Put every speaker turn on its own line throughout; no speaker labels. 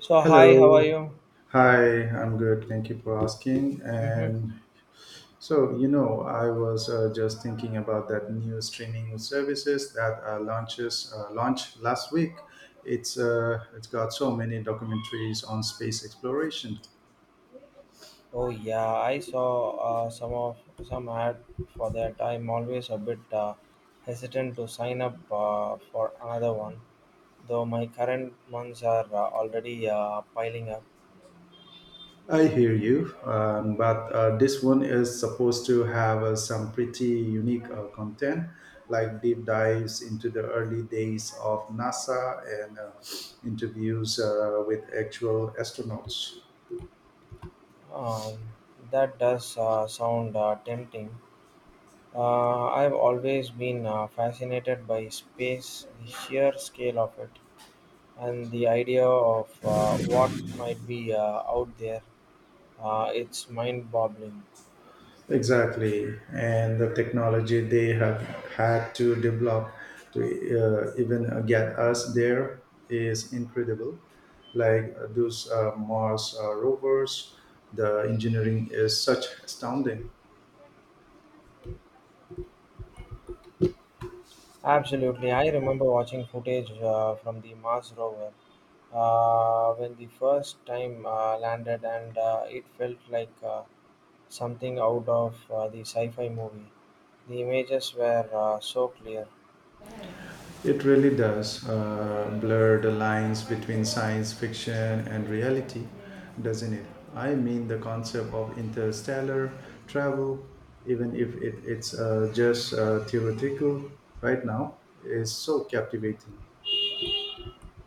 So hi, how are
Hello.
you?
Hi, I'm good. Thank you for asking.
Hmm.
And So I was just thinking about that new streaming services that launches launched last week. It's got so many documentaries on space exploration.
Oh yeah, I saw uh, some of some ad for that. I'm always a bit hesitant to sign up for another one, though my current ones are already piling up.
I hear you, but this one is supposed to have some pretty unique content, like deep dives into the early days of NASA and interviews with actual astronauts.
Um, that does sound tempting. I've always been fascinated by space, the sheer scale of it, and the idea of what might be out there. It's mind-boggling.
Exactly, and the technology they have had to develop to even get us there is incredible. Like those Mars rovers, the engineering is such astounding.
Absolutely. I remember watching footage from the Mars rover when the first time landed, and it felt like something out of the sci fi movie. The images were so clear.
It really does blur the lines between science fiction and reality, doesn't it? I mean, the concept of interstellar travel, even if it, it's just theoretical right now, is so captivating.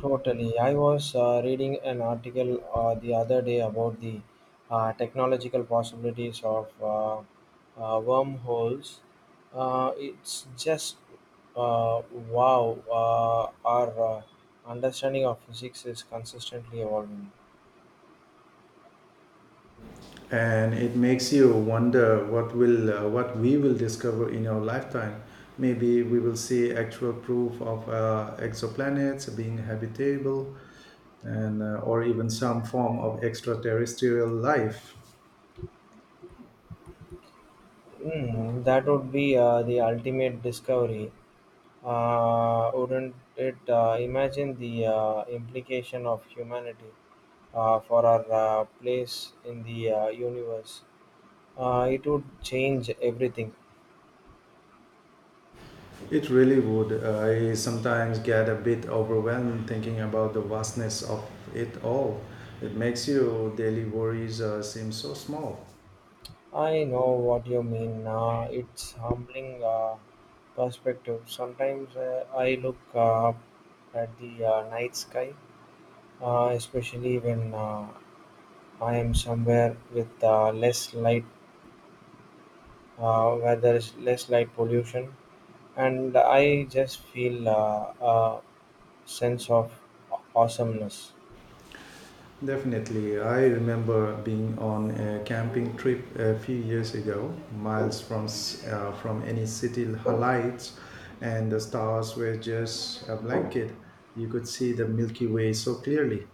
Totally. I was reading an article the other day about the technological possibilities of wormholes. It's just uh, wow, our understanding of physics is consistently evolving.
And it makes you wonder what we will discover in our lifetime. Maybe we will see actual proof of exoplanets being habitable and or even some form of extraterrestrial life.
Mm, that would be the ultimate discovery. Wouldn't it imagine the implication of humanity for our place in the universe? It would change everything.
It really would. I sometimes get a bit overwhelmed thinking about the vastness of it all. It makes your daily worries seem so small.
I know what you mean. It's humbling perspective. Sometimes I look up at the night sky, especially when I am somewhere with less light, where there is less light pollution, and I just feel a sense of awesomeness.
Definitely. I remember being on a camping trip a few years ago, miles from from any city lights, and the stars were just a blanket. You could see the Milky Way so clearly.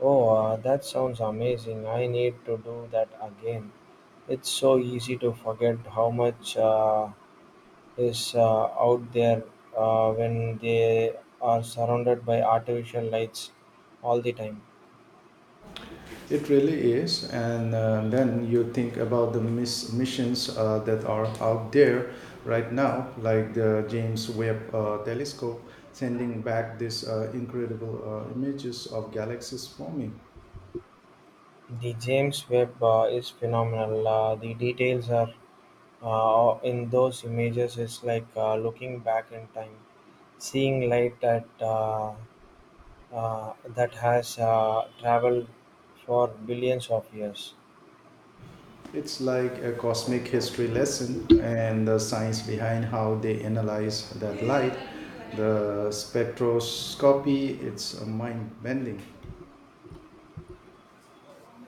Oh, that sounds amazing. I need to do that again. It's so easy to forget how much is out there when they are surrounded by artificial lights all the time.
It really is. And then you think about the missions that are out there right now, like the James Webb Telescope sending back these incredible images of galaxies forming.
The James Webb is phenomenal. The details are in those images is like looking back in time, seeing light that that has traveled for billions of years.
It's like a cosmic history lesson, and the science behind how they analyze that light. The spectroscopy, it's mind bending.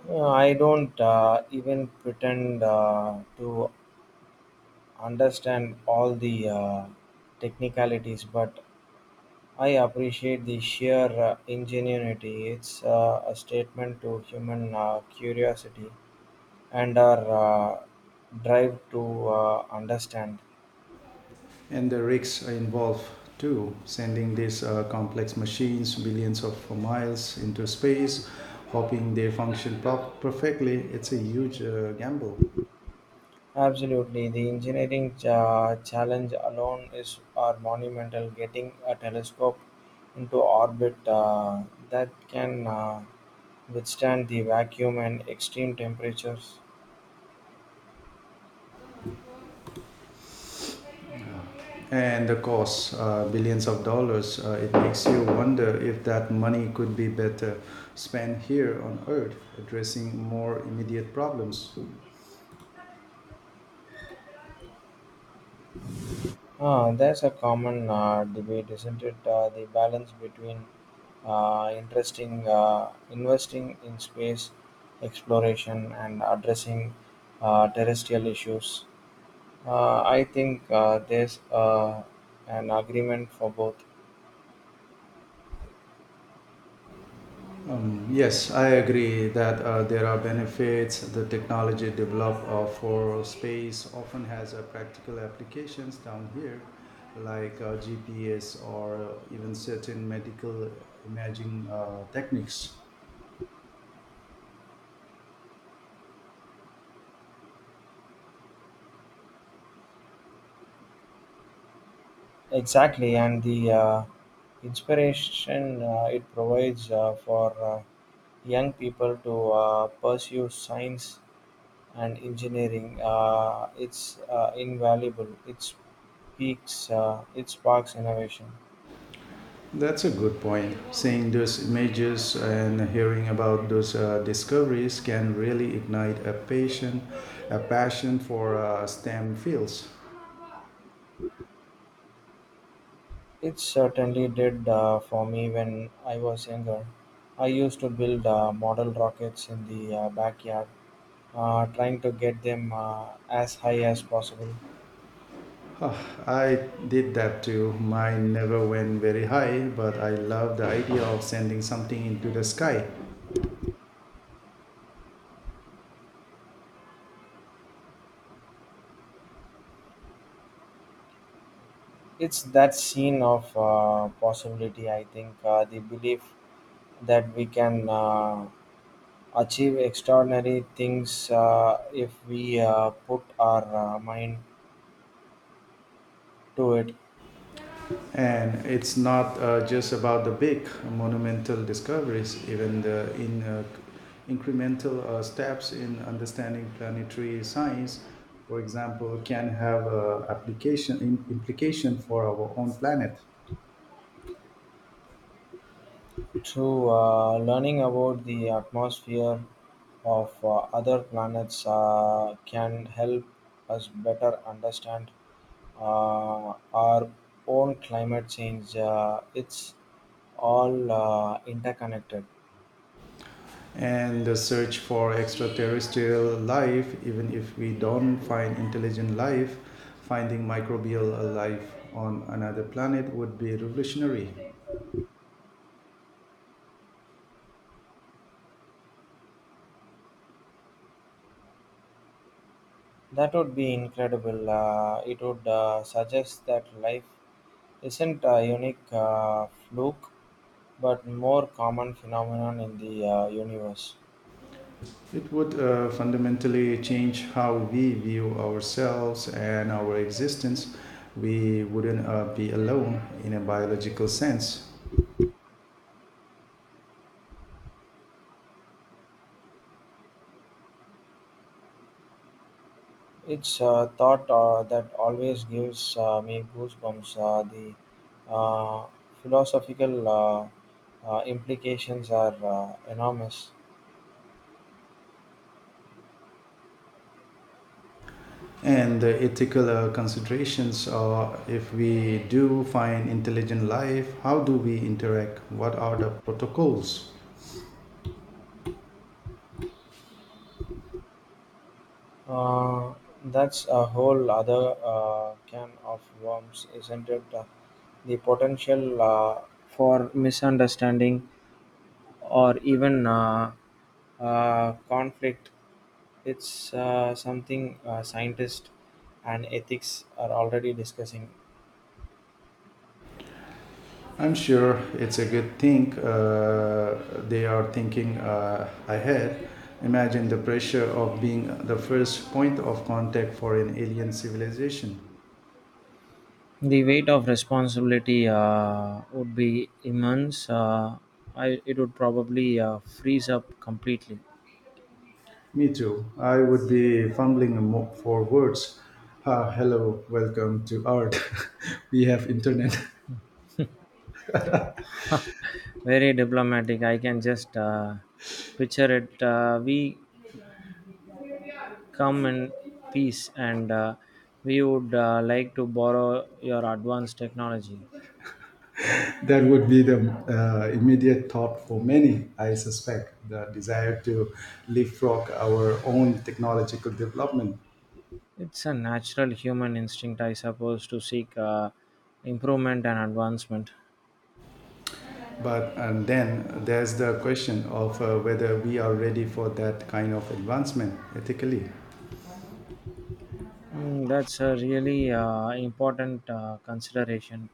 I don't even pretend to understand all the technicalities, but I appreciate the sheer ingenuity. It's a statement to human curiosity and our uh, drive to understand.
And the risks involved too, sending these complex machines billions of miles into space, hoping they function perfectly. It's a huge gamble.
Absolutely, the engineering challenge alone is our monumental. Getting a telescope into orbit that can withstand the vacuum and extreme temperatures.
And the cost, billions of dollars. It makes you wonder if that money could be better spent here on earth addressing more immediate problems.
Ah, that's a common debate, isn't it? The balance between interesting investing in space exploration and addressing terrestrial issues. I think there's an agreement for both.
Yes, I agree that there are benefits. The technology developed for space often has practical applications down here, like GPS or even certain medical imaging techniques.
Exactly, and the inspiration it provides for young people to pursue science and engineering. It's invaluable. It's peaks. It sparks innovation.
That's a good point. Seeing those images and hearing about those discoveries can really ignite a passion for STEM fields.
It certainly did for me when I was younger. I used to build model rockets in the backyard, trying to get them as high as possible.
Huh, I did that too. Mine never went very high, but I love the idea of sending something into the sky.
It's that scene of possibility, I think, the belief that we can achieve extraordinary things if we put our mind to it
And it's not just about the big monumental discoveries. Even the in incremental steps in understanding planetary science, for example, can have application implication for our own planet.
through learning about the atmosphere of other planets can help us better understand uh, our own climate change. It's all interconnected.
And the search for extraterrestrial life, even if we don't find intelligent life, finding microbial life on another planet would be revolutionary.
That would be incredible. It would suggest that life isn't a unique fluke, but more common phenomenon in the universe.
It would fundamentally change how we view ourselves and our existence. We wouldn't be alone in a biological sense.
It's a thought that always gives me goosebumps. The uh, philosophical implications are enormous.
And the ethical considerations are, if we do find intelligent life, how do we interact? What are the protocols?
Uh, that's a whole other can of worms, isn't it? The potential for misunderstanding or even conflict. It's something scientists and ethics are already discussing.
I'm sure it's a good thing they are thinking ahead. Imagine the pressure of being the first point of contact for an alien civilization.
The weight of responsibility would be immense. I, it would probably freeze up completely.
Me too. I would be fumbling for words. Ah, hello, welcome to Earth. We have internet.
Very diplomatic. I can just picture it. We come in peace and we would like to borrow your advanced technology.
That would be the immediate thought for many, I suspect, the desire to leapfrog our own technological development.
It's a natural human instinct, I suppose, to seek improvement and advancement.
But and then there's the question of whether we are ready for that kind of advancement ethically.
Mm, that's a really important consideration.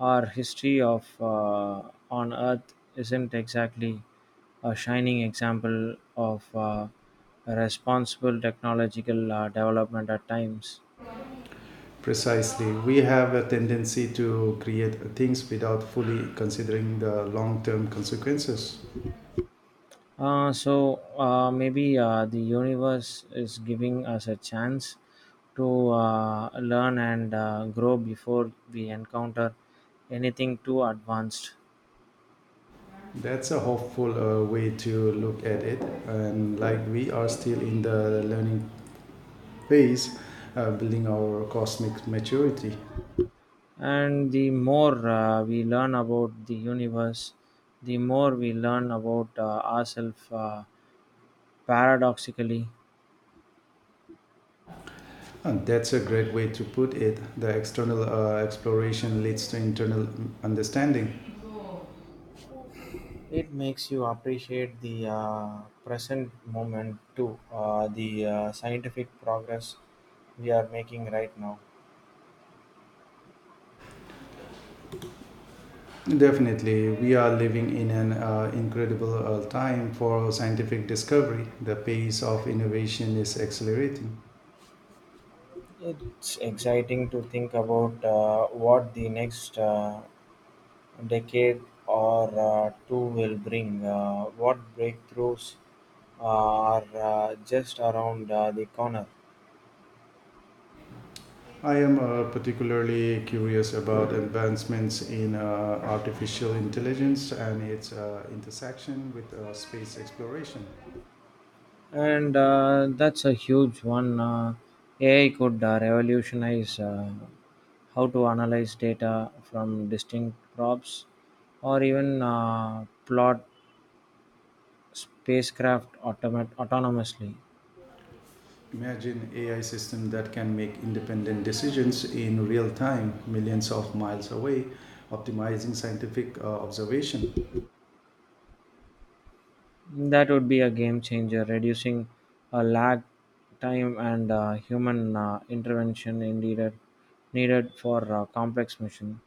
Our history of on Earth isn't exactly a shining example of responsible technological development at times.
Precisely. We have a tendency to create things without fully considering the long term consequences.
So maybe the universe is giving us a chance to learn and grow before we encounter anything too advanced.
That's a hopeful way to look at it. And like we are still in the learning phase, building our cosmic maturity.
And the more we learn about the universe, the more we learn about ourselves paradoxically.
And that's a great way to put it. The external exploration leads to internal understanding.
It makes you appreciate the present moment too, the scientific progress we are making right now.
Definitely, we are living in an incredible time for scientific discovery. The pace of innovation is accelerating.
It's exciting to think about what the next decade or two will bring, what breakthroughs are just around the corner.
I am particularly curious about advancements in artificial intelligence and its intersection with space exploration.
And that's a huge one. AI could revolutionize how to analyze data from distinct crops or even plot spacecraft autonomously.
Imagine AI system that can make independent decisions in real time, millions of miles away, optimizing scientific observation.
That would be a game changer, reducing a lag time and human intervention in needed for complex mission.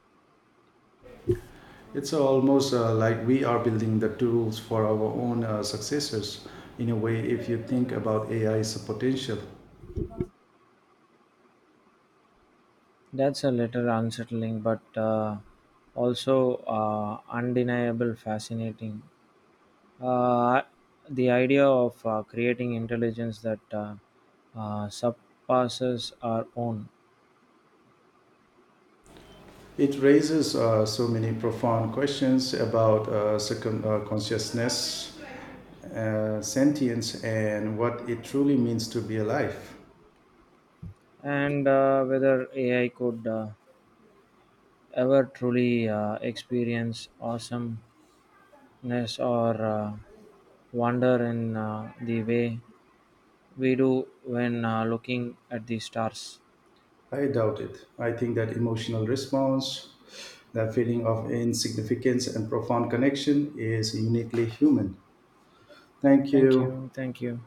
It's almost like we are building the tools for our own successors. In a way, if you think about AI's potential,
That's a little unsettling, but also undeniable fascinating. Uh, the idea of creating intelligence that surpasses our own,
it raises so many profound questions about consciousness, sentience, and what it truly means to be alive.
and whether AI could ever truly experience awesomeness or wonder in the way we do when looking at the stars.
I doubt it. I think that emotional response, that feeling of insignificance and profound connection is uniquely human. Thank
Thank
you.
you. Thank you.